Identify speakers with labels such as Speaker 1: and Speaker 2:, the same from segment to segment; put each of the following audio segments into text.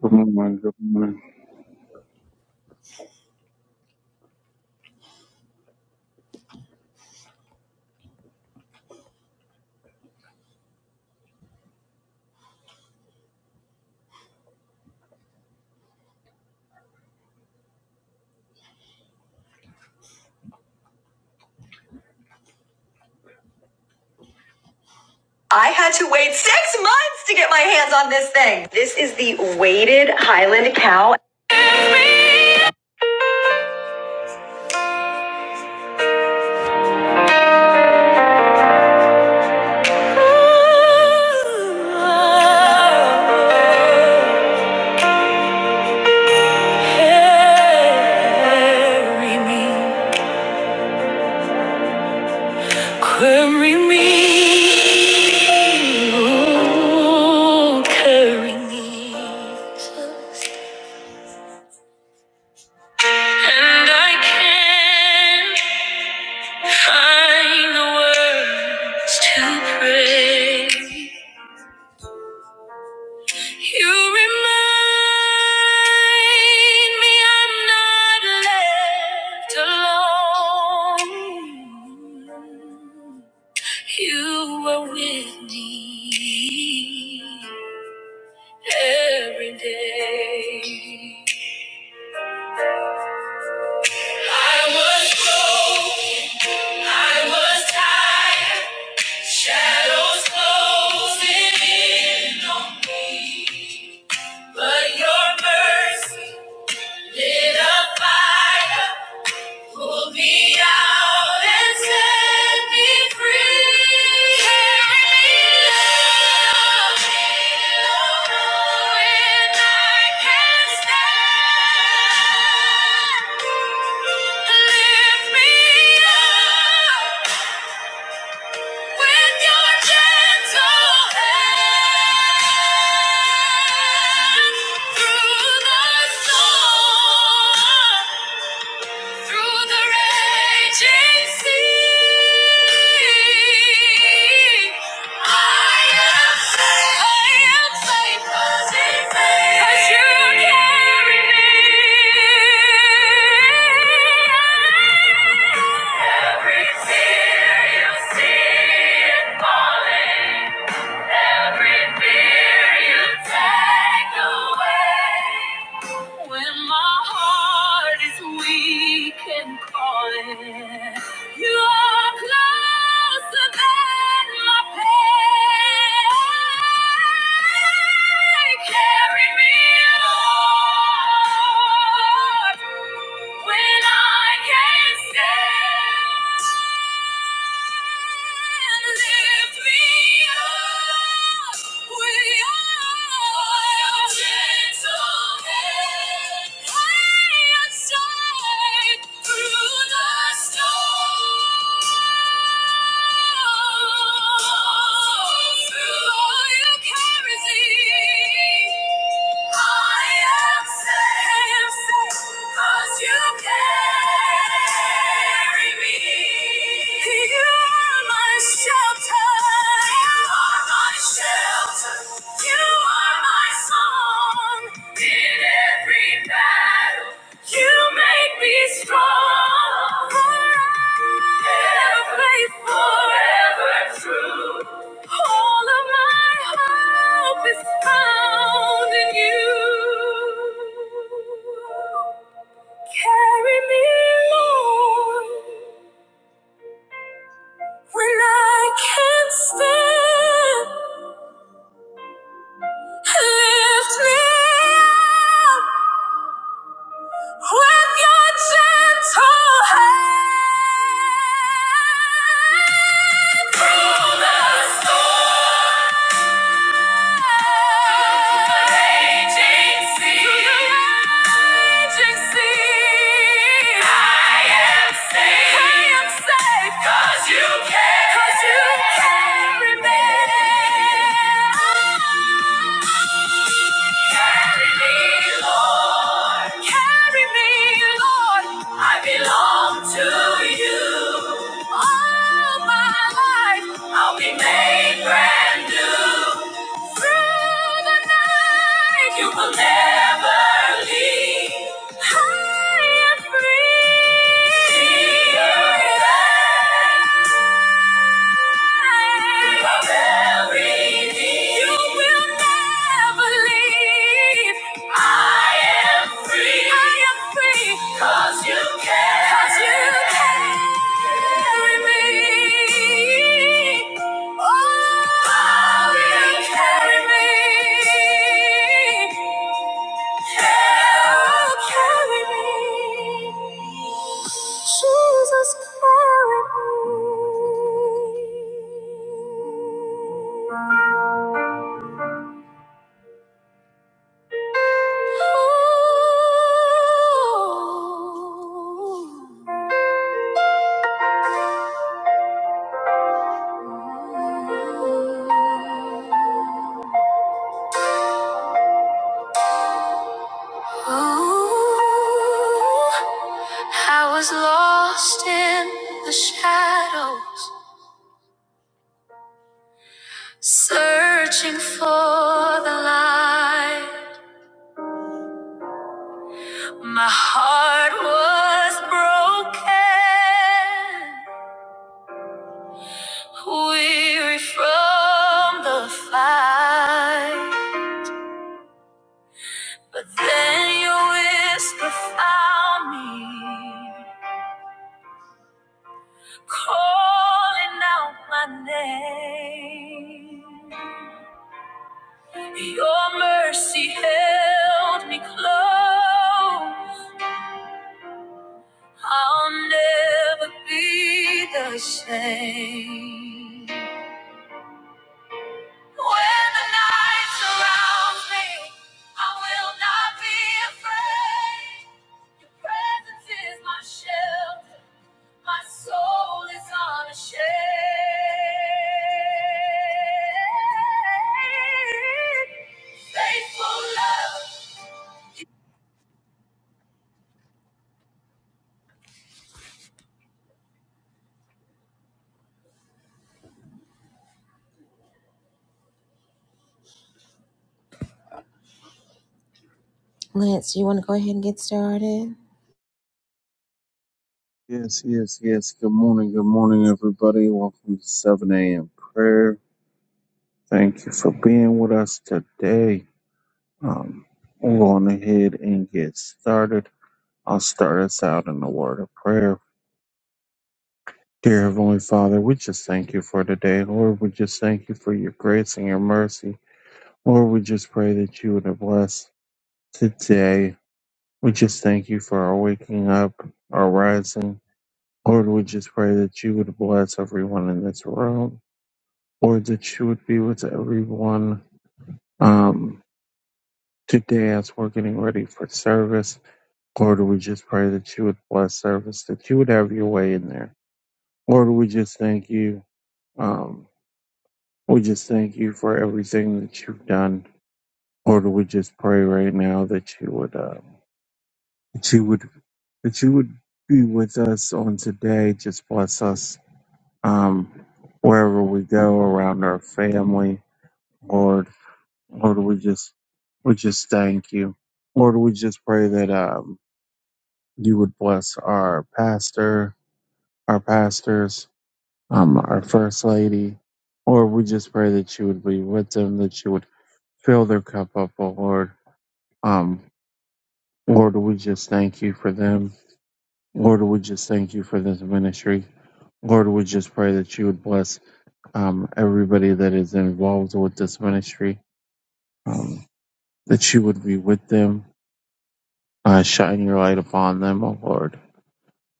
Speaker 1: Good morning. Good morning.
Speaker 2: I had to wait six months to get my hands on this thing. This is the weighted Highland cow. Carry me, carry me, ooh, carry me. And I can't find the words to pray. You remind me I'm not left alone. You are with me every day. I was broke, I was tired. Shadows closing in on me, but your mercy lit a fire, pulled me out and set me free. Carry me low when I can't stand. Lift me up. With your gentle hand through the storm. Through the raging sea, I am safe. I am safe 'cause you carry me. Every tear you see is falling. Every fear you take away. When my heart is weak and calling, you are closer than my pain. Carry me, Lord, when I can't stand. Through the storm. Shelter, you are my song in every Every battle, you make me strong. Forever faithful, forever true. All of my hope is found in you. Carry me, Lord, when I can't stand. Lift me up. With your gentle hand through the storm, to the raging sea, to the raging sea. I am safe. I am safe 'cause you carry 'Cause you carry me. Carry me, Lord. Lord. Carry me, Lord. I belong to you. All my life, I'll be made brand new. Through the night, you will never leave. High and free. The earth and Cause you care. Cause you carry me. Oh, you carry me. Oh, Carry me. Jesus, carry me. Oh. Oh. I was lost in the shadows, searching for the light. My heart was broken, weary from the fight. But then your whisper found me, calling out my name. Your mercy held me close. I'll never be the same. When the night surrounds me, I will not be afraid. Your presence is my shelter. My soul is unashamed. Faithful love.
Speaker 1: Yes, yes, yes. Good morning. Good morning, everybody. Welcome to 7 a.m. prayer. Thank you for being with us today. Um, we're going ahead and get started. I'll start us out in a word of prayer. Dear Heavenly Father, we just thank you for today. Lord, we just thank you for your grace and your mercy. Lord, we just pray that you would have blessed today. We just thank you for our waking up, our rising. Lord, we just pray that you would bless everyone in this room, or that you would be with everyone um, today as we're getting ready for service. Lord, we just pray that you would bless service, that you would have your way in there. Lord, we just thank you. Um, we just thank you for everything that you've done. Lord, we just pray right now that you would, uh, that you would, that you would be with us on today. Just bless us um, wherever we go around our family Lord, Lord, we just, we just thank you. Lord, we just pray that, um, you would bless our pastor, our pastors, um, our first lady. Lord, we just pray that you would be with them, that you would fill their cup up, oh Lord. Um, Lord, we just thank you for them. Lord, we just thank you for this ministry. Lord, we just pray that you would bless um, everybody that is involved with this ministry, um, that you would be with them, Uh, shine your light upon them, O Lord.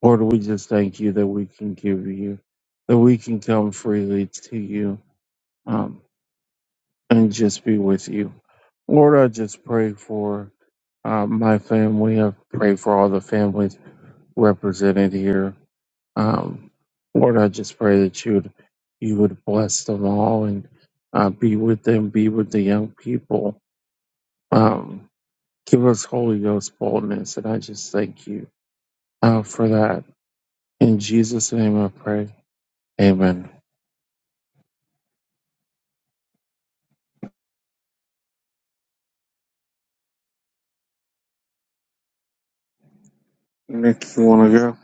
Speaker 1: Lord, we just thank you that we can give you, that we can come freely to you um, and just be with you. Lord, I just pray for uh, my family. I pray for all the families represented here. Um, Lord, I just pray that you would, you would bless them all and uh, be with them, be with the young people. Um, give us Holy Ghost boldness, and I just thank you uh, for that. In Jesus' name I pray. Amen. Nick, you want to go?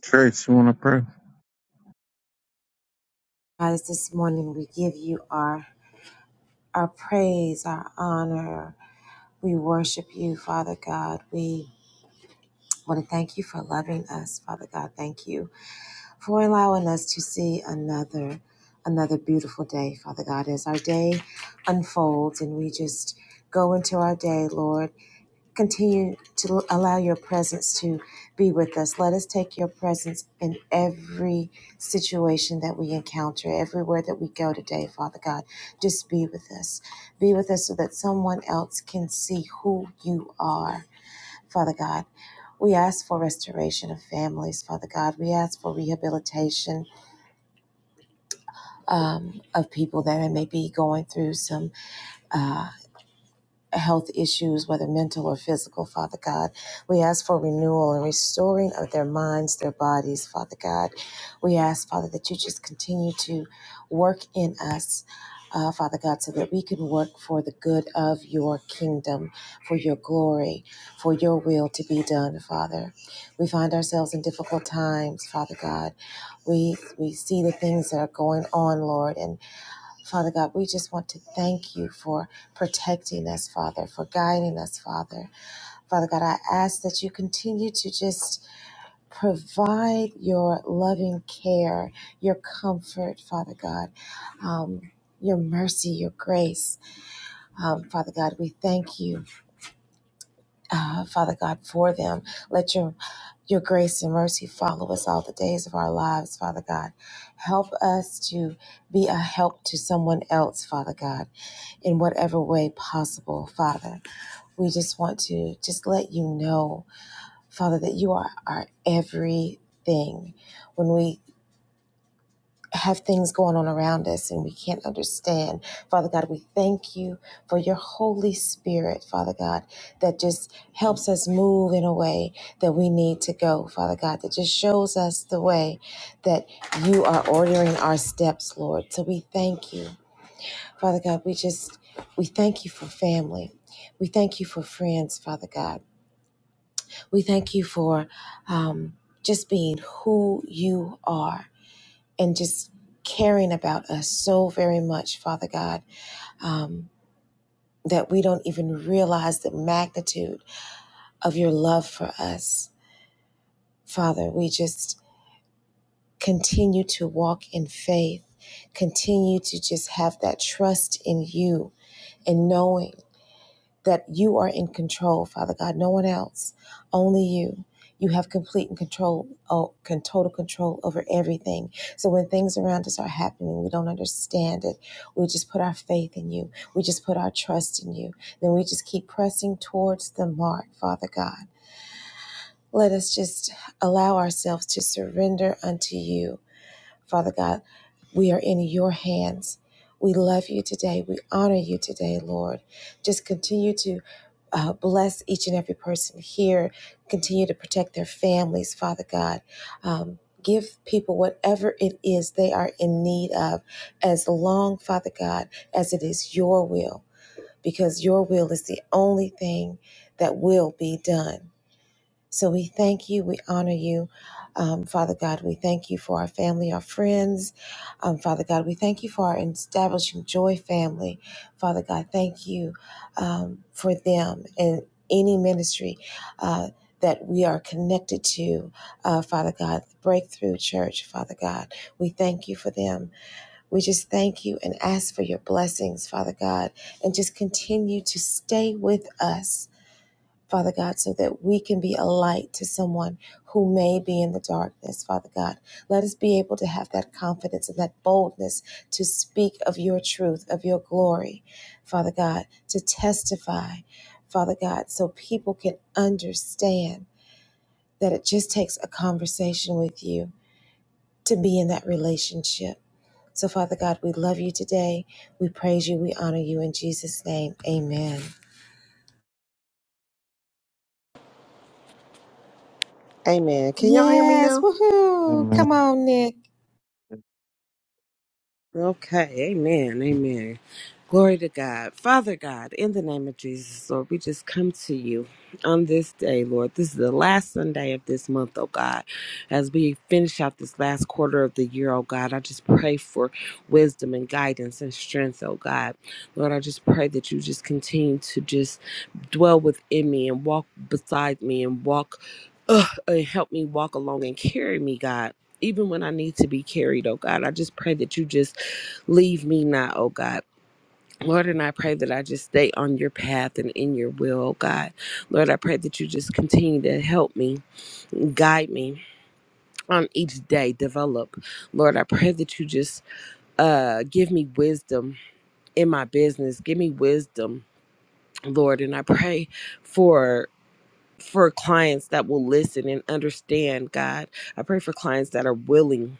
Speaker 1: Trace, you want to pray?
Speaker 3: Amen. Can y'all hear me now?
Speaker 1: Amen.
Speaker 3: Okay, amen, amen. Glory to God. Father God, in the name of Jesus, Lord, we just come to you on this day, Lord. This is the last Sunday of this month, oh God. As we finish out this last quarter of the year, oh God, I just pray for wisdom and guidance and strength, oh God. Lord, I just pray that you just continue to just dwell within me and walk beside me and walk uh, and help me walk along and carry me, God. Even when I need to be carried, oh God, I just pray that you just Leave me not, oh God. Lord, and I pray that I just stay on your path and in your will, oh God. Lord, I pray that you just continue to help me, guide me on each day, develop. Lord, I pray that you just uh, give me wisdom in my business. Give me wisdom, Lord, and I pray for for clients that will listen and understand, God. I pray for clients that are willing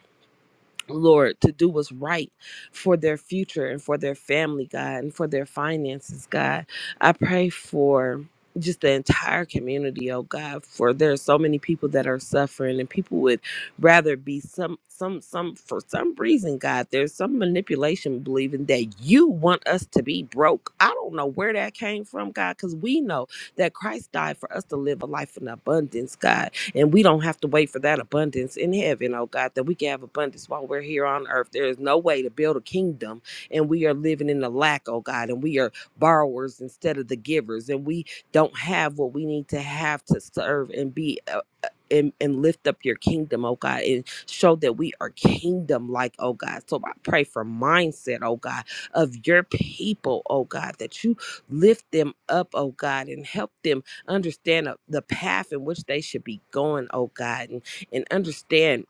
Speaker 3: Lord, to do what's right for their future and for their family, God, and for their finances, God. I pray for just the entire community, oh God, for there are so many people that are suffering and people would rather be some some some for some reason, God, there's some manipulation believing that you want us to be broke. I don't know where that came from, God, because we know that Christ died for us to live a life in abundance, God. And we don't have to wait for that abundance in heaven, oh God, that we can have abundance while we're here on earth. There is no way to build a kingdom and we are living in the lack, oh God, and we are borrowers instead of the givers, and we don't have what we need to have to serve and be. uh, uh, and, and lift up your kingdom, oh God, and show that we are kingdom like, oh God. So I pray for mindset, oh God, of your people, oh God, that you lift them up, oh God, and help them understand uh, the path in which they should be going, oh God, and, and understand,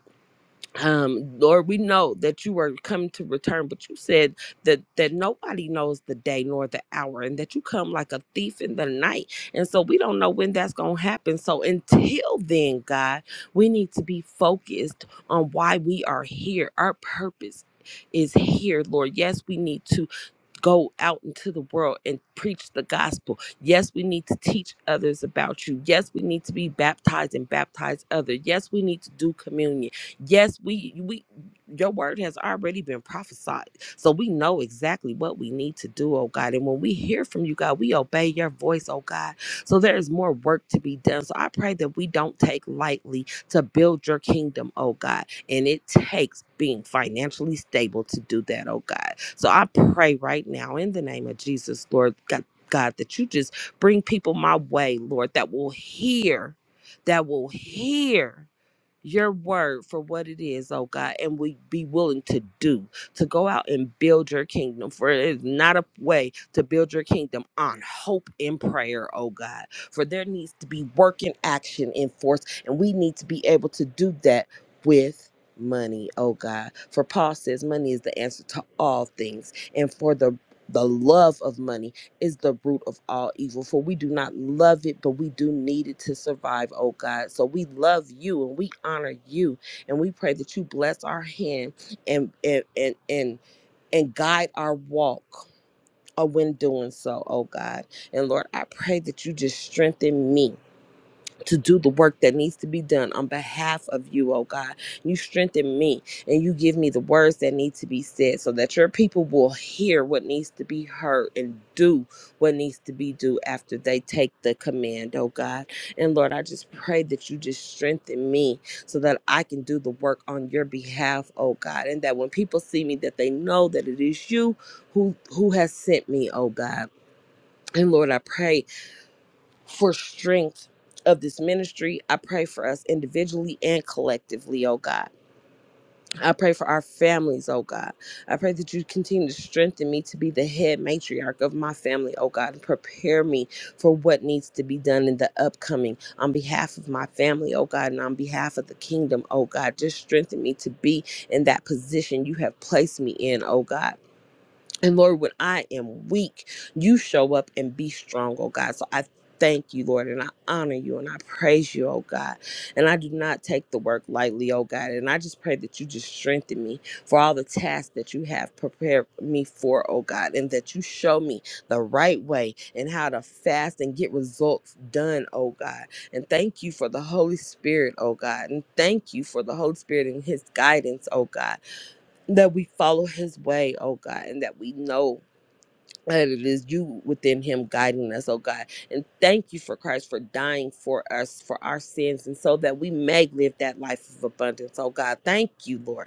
Speaker 3: um, Lord, we know that you are coming to return, but you said that that nobody knows the day nor the hour, and that you come like a thief in the night. And so we don't know when that's gonna happen. So until then, God, we need to be focused on why we are here, our purpose. Is here, Lord. Yes, we need to go out into the world and preach the gospel. Yes, we need to teach others about you. Yes, we need to be baptized and baptize others. Yes, we need to do communion. Yes, we we your word has already been prophesied. So we know exactly what we need to do, oh God. And when we hear from you, God, we obey your voice, oh God. So there is more work to be done. So I pray that we don't take lightly to build your kingdom, oh God. And it takes being financially stable to do that, oh God. So I pray right now in the name of Jesus, Lord God, God that you just bring people my way, Lord, that will hear, that will hear your word for what it is, oh God, and we be willing to do, to go out and build your kingdom. For it is not a way to build your kingdom on hope and prayer, oh God. For there needs to be work and action in force, and we need to be able to do that with money, oh God. For Paul says money is the answer to all things, and for the the love of money is the root of all evil. For we do not love it, but we do need it to survive, oh God. So we love you and we honor you and we pray that you bless our hand and and and and, and guide our walk uh, when doing so, oh God. And Lord, I pray that you just strengthen me to do the work that needs to be done on behalf of you, oh God. You strengthen me and you give me the words that need to be said so that your people will hear what needs to be heard and do what needs to be due after they take the command, oh God. And Lord, I just pray that you just strengthen me so that I can do the work on your behalf, oh God. And that when people see me that they know that it is you who who has sent me, oh God. And Lord, I pray for strength of this ministry. I pray for us individually and collectively, oh God. I pray for our families, oh God. I pray that you continue to strengthen me to be the head matriarch of my family, oh God, and prepare me for what needs to be done in the upcoming on behalf of my family, oh God, and on behalf of the kingdom, oh God. Just strengthen me to be in that position you have placed me in, oh God. And Lord, when I am weak, you show up and be strong, oh God. So I thank you, Lord, and I honor you and I praise you, oh God. And I do not take the work lightly, oh God. And I just pray that you just strengthen me for all the tasks that you have prepared me for, oh God, and that you show me the right way and how to fast and get results done, oh God. And thank you for the Holy Spirit, oh God. And thank you for the Holy Spirit and his guidance, oh God that we follow his way, oh God, and that we know that it is you within him guiding us, oh God. And thank you for Christ for dying for us, for our sins, and so that we may live that life of abundance, oh God. Thank you, Lord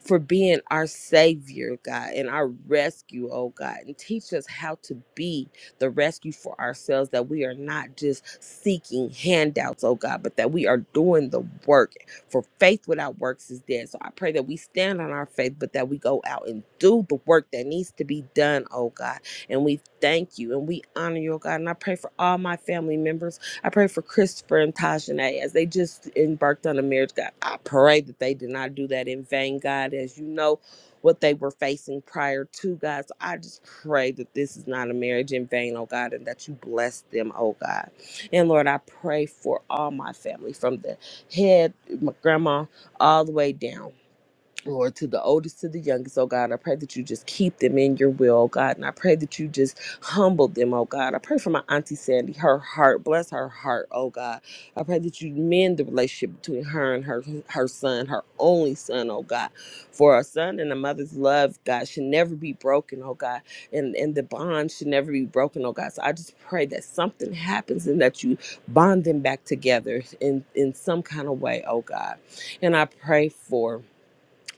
Speaker 3: for being our savior, God, and our rescue, oh God, and teach us how to be the rescue for ourselves that we are not just seeking handouts, oh God, but that we are doing the work. For faith without works is dead. So I pray that we stand on our faith, but that we go out and do the work that needs to be done, oh God. And we thank you and we honor you, oh God. And I pray for all my family members I pray for Christopher and Tajane as they just embarked on a marriage, God. I pray that they did not do that in vain, God, as you know what they were facing prior to, God. So I just pray that this is not a marriage in vain, oh God, and that you bless them, oh God. And Lord, I pray for all my family from the head, my grandma, all the way down. Lord, to the oldest, to the youngest, oh God. And I pray that you just keep them in your will, oh God. And I pray that you just humble them, oh God. I pray for my Auntie Sandy, her heart, bless her heart, oh God. I pray that you mend the relationship between her and her her son, her only son, oh God. For a son and a mother's love, God, should never be broken, oh God. And and the bond should never be broken, oh God. So I just pray that something happens and that you bond them back together in, in some kind of way, oh God. And I pray for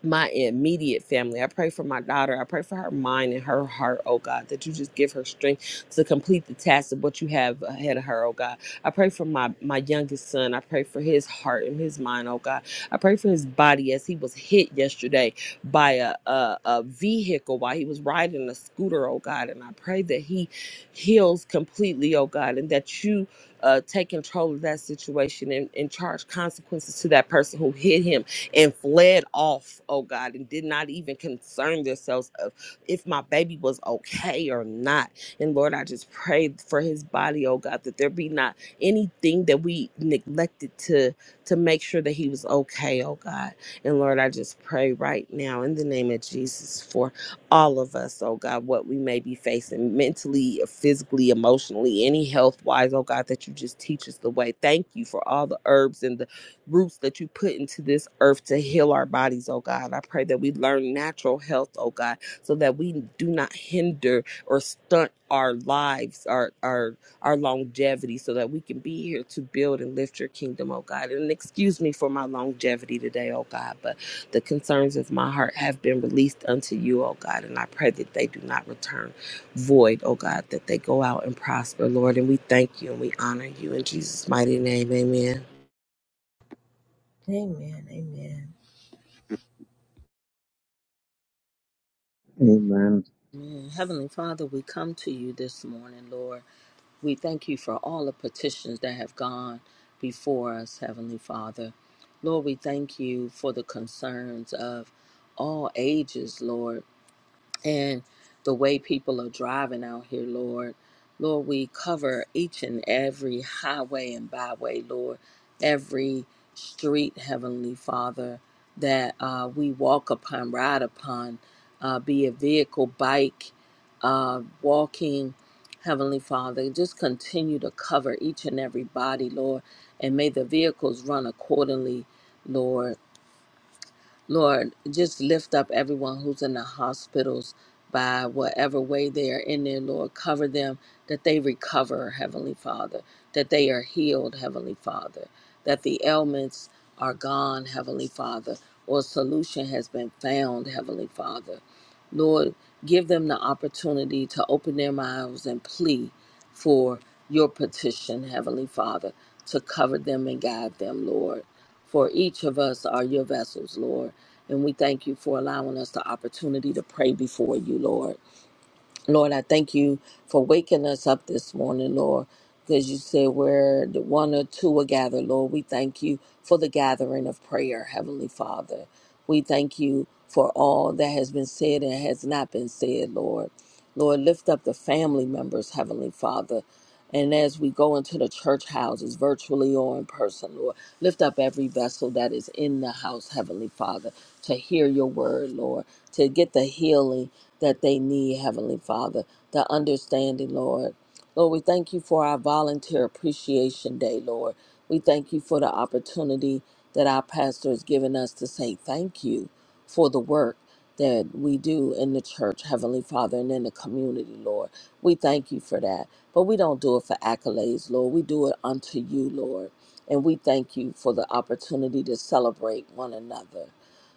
Speaker 3: my immediate family. I pray for my daughter. I pray for her mind and her heart, oh God, that you just give her strength to complete the task of what you have ahead of her, oh God. I pray for my my youngest son. I pray for his heart and his mind, oh God. I pray for his body as he was hit yesterday by a a, a vehicle while he was riding a scooter, oh God. And I pray that he heals completely, oh God, and that you uh, take control of that situation and, and charge consequences to that person who hit him and fled off, oh God, and did not even concern themselves of if my baby was okay or not. And Lord, I just pray for his body, oh God, that there be not anything that we neglected to to make sure that he was okay, oh God. And Lord, I just pray right now in the name of Jesus for all of us, oh God, what we may be facing mentally, physically, emotionally, any health wise, oh God, that you you just teach us the the the way. Thank you for all the herbs and the roots that you put into this earth to heal our bodies, oh God. I pray that we learn natural health, oh God, so that we do not hinder or stunt our lives, our our our longevity, so that we can be here to build and lift your kingdom, oh God. And excuse me for my longevity today, oh God, but the concerns of my heart have been released unto you, oh God, and I pray that they do not return void, oh God, that they go out and prosper, Lord. And we thank you and we honor you in Jesus' mighty name. Amen.
Speaker 1: Amen.
Speaker 4: Mm, Heavenly Father, we come to you this morning, Lord. We thank you for all the petitions that have gone before us, Heavenly Father. Lord, we thank you for the concerns of all ages, Lord and the way people are driving out here, Lord. Lord, we cover each and every highway and byway, Lord, every street, Heavenly Father, that uh, we walk upon, ride upon, uh, be a vehicle, bike, uh, walking, Heavenly Father. Just continue to cover each and every body, Lord, and may the vehicles run accordingly, Lord. Lord, just lift up everyone who's in the hospitals by whatever way they are in there, Lord. Cover them that they recover, Heavenly Father, that they are healed, Heavenly Father, that the ailments are gone, Heavenly Father, or a solution has been found, Heavenly Father. Lord, give them the opportunity to open their mouths and plea for your petition, Heavenly Father, to cover them and guide them, Lord. For each of us are your vessels, Lord. And we thank you for allowing us the opportunity to pray before you, Lord. Lord, I thank you for waking us up this morning, Lord, because you said where the one or two are gathered, Lord. We thank you for the gathering of prayer, Heavenly Father. We thank you for all that has been said and has not been said, Lord. Lord, lift up the family members, Heavenly Father. And as we go into the church houses, virtually or in person, Lord, lift up every vessel that is in the house, Heavenly Father, to hear your word, Lord, to get the healing that they need, Heavenly Father, the understanding, Lord. Lord, we thank you for our volunteer appreciation day, Lord. We thank you for the opportunity that our pastor has given us to say thank you for the work that we do in the church, Heavenly Father, and in the community, Lord. We thank you for that. But we don't do it for accolades, Lord. We do it unto you, Lord. And we thank you for the opportunity to celebrate one another.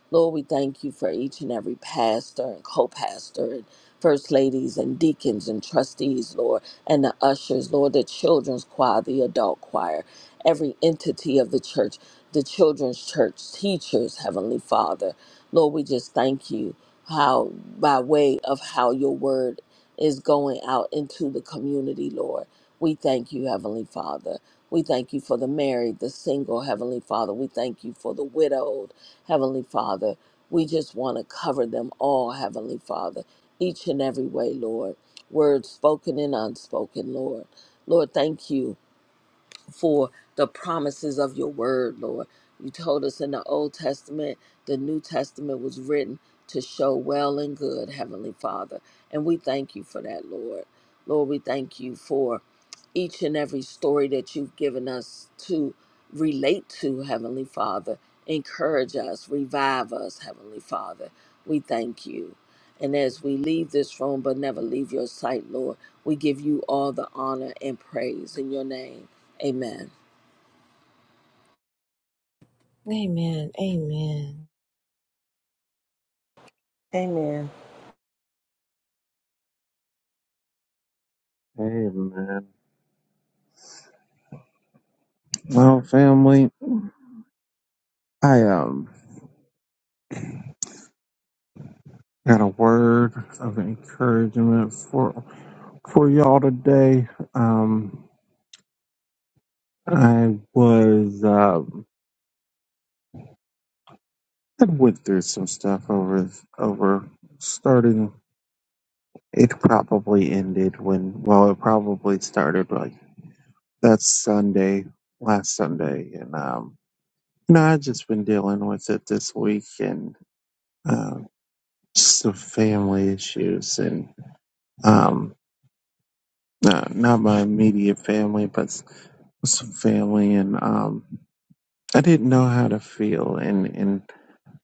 Speaker 4: Lord, we thank you for each and every pastor and co pastor and first ladies and deacons and trustees, Lord, and the ushers, Lord, the children's choir, the adult choir, every entity of the church, the children's church, teachers, Heavenly Father. Lord, we just thank you how, by way of how your word is going out into the community, Lord. We thank you, Heavenly Father. We thank you for the married, the single, Heavenly Father. We thank you for the widowed. Heavenly Father. We just want to cover them all, Heavenly Father, each and every way, Lord. Words spoken and unspoken, Lord. Lord, thank you for the promises of your word, Lord. You told us in the Old Testament, the New Testament was written to show well and good, Heavenly Father. And we thank you for that, Lord. Lord, we thank you for each and every story that you've given us to relate to, Heavenly Father. Encourage us, revive us, Heavenly Father. We thank you. And as we leave this room, but never leave your sight, Lord. We give you all the honor and praise in your name. Amen.
Speaker 3: Amen.
Speaker 1: Amen. Well, family, I um got a word of encouragement for for y'all today. Um, I was um I went through some stuff over over starting. It probably ended when well, it probably started like that Sunday last Sunday, and um No, I've just been dealing with it this week and uh, just some family issues and um, not, not my immediate family, but s- some family. And um, I didn't know how to feel. And, and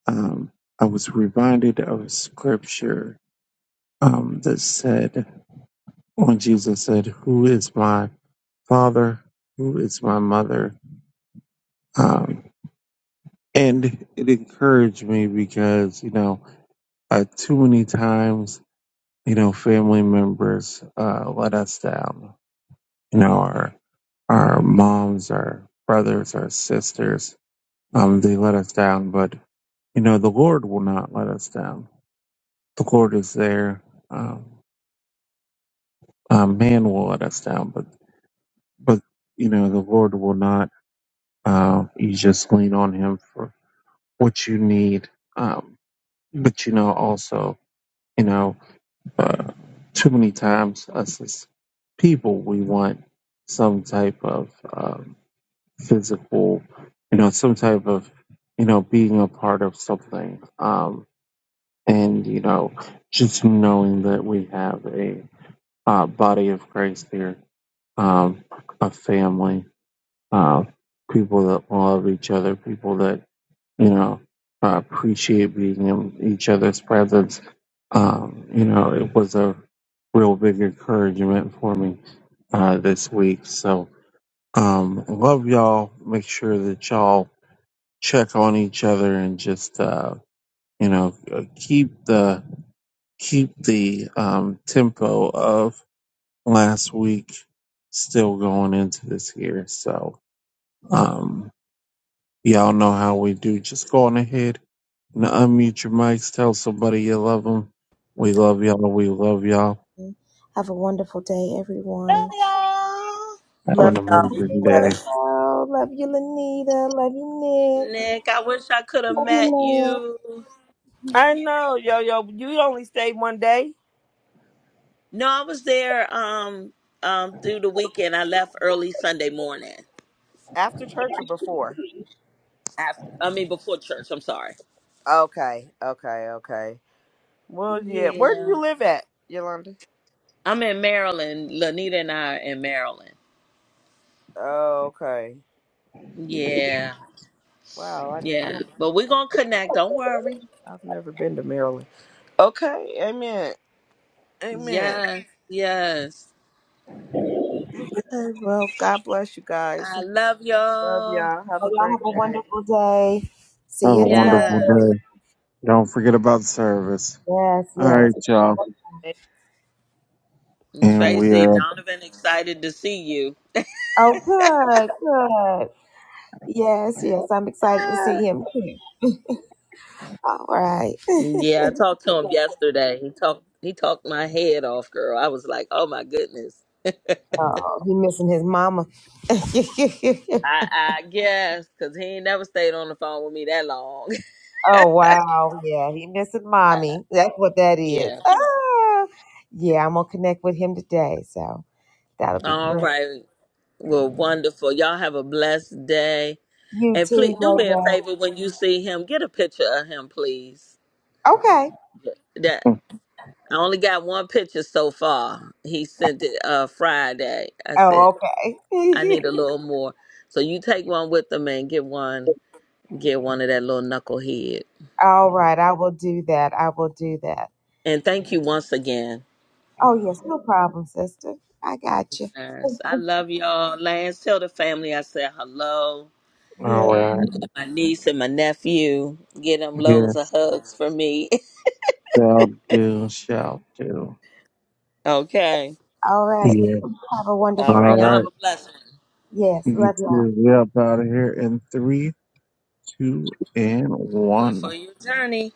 Speaker 1: um, I was reminded of a scripture um, that said, when Jesus said, Who is my father? Who is my mother? Um, and it encouraged me because, you know, uh, too many times you know, family members uh, let us down. You know, our our moms, our brothers, our sisters, um, they let us down. But you know, the Lord will not let us down. The Lord is there. Um, uh, man will let us down, but but you know, the Lord will not. Uh, you just lean on Him for what you need. Um, but you know, also, you know. Uh, too many times, us as people, we want some type of um, physical, you know, some type of, you know, being a part of something. Um, and, you know, just knowing that we have a uh, body of Christ here, um, a family, uh, people that love each other, people that you know, uh, appreciate being in each other's presence. Um, you know, it was a real big encouragement for me uh, this week. So, um, love y'all. Make sure that y'all check on each other and just, uh, you know, uh, keep the keep the um, tempo of last week still going into this year. So, um, Y'all know how we do. Just go on ahead and unmute your mics. Tell somebody you love them. We love y'all. We love y'all.
Speaker 4: Love y'all.
Speaker 1: Have
Speaker 3: Love
Speaker 1: an
Speaker 3: y'all. Be
Speaker 1: amazing day.
Speaker 3: blessed.
Speaker 4: Nick, I wish I could have met you.
Speaker 3: I know, yo, yo. You only stayed one day
Speaker 4: No, I was there um um through the weekend. I left early Sunday morning
Speaker 3: after church or before?
Speaker 4: after I mean before church, I'm sorry.
Speaker 3: Okay, okay, okay. Well, yeah. Where do
Speaker 4: Yeah.
Speaker 3: you live at, Yolanda?
Speaker 4: I'm in Maryland. Lanita and I are in Maryland.
Speaker 3: Oh, okay.
Speaker 4: Yeah.
Speaker 3: Wow, I, I
Speaker 4: Yeah.
Speaker 3: don't.
Speaker 4: But we're gonna connect, don't worry.
Speaker 3: I've never been to Maryland. Okay, amen, amen.
Speaker 4: Yes, yes.
Speaker 3: Okay, well, God bless you guys.
Speaker 4: I love
Speaker 3: Love
Speaker 4: y'all.
Speaker 3: y'all. Have a great day.
Speaker 1: Have a wonderful
Speaker 4: Yes.
Speaker 1: day. Don't forget about service. All right, y'all. And we
Speaker 4: Tracy
Speaker 1: are up.
Speaker 4: Donovan excited to see you. Ah. Yeah, I talked to him yesterday. He talked he talked my head off, girl. I was like, oh my goodness. I I guess because he ain't never stayed on the phone with me that long. yeah. All right. Well, wonderful. Y'all have a blessed day. And please do me a favor when you see him, get a picture of him, please. That I only got one picture so far. He sent it uh Friday. I said. I need a little more. So you take one with them and get one, get one of that little knucklehead. And thank you once again. Yes, I love y'all. Lance, tell the family I said hello.
Speaker 1: All
Speaker 4: And
Speaker 1: right.
Speaker 4: my niece and my nephew, get them loads of
Speaker 1: Yes.
Speaker 4: hugs for me.
Speaker 1: Shall do. Shall do.
Speaker 4: okay.
Speaker 1: Yeah. All
Speaker 4: All right. Y'all
Speaker 1: right.
Speaker 4: have a blessed one.
Speaker 1: You two, we up out of here in three, two, and
Speaker 4: Do it
Speaker 1: one.
Speaker 4: for your journey.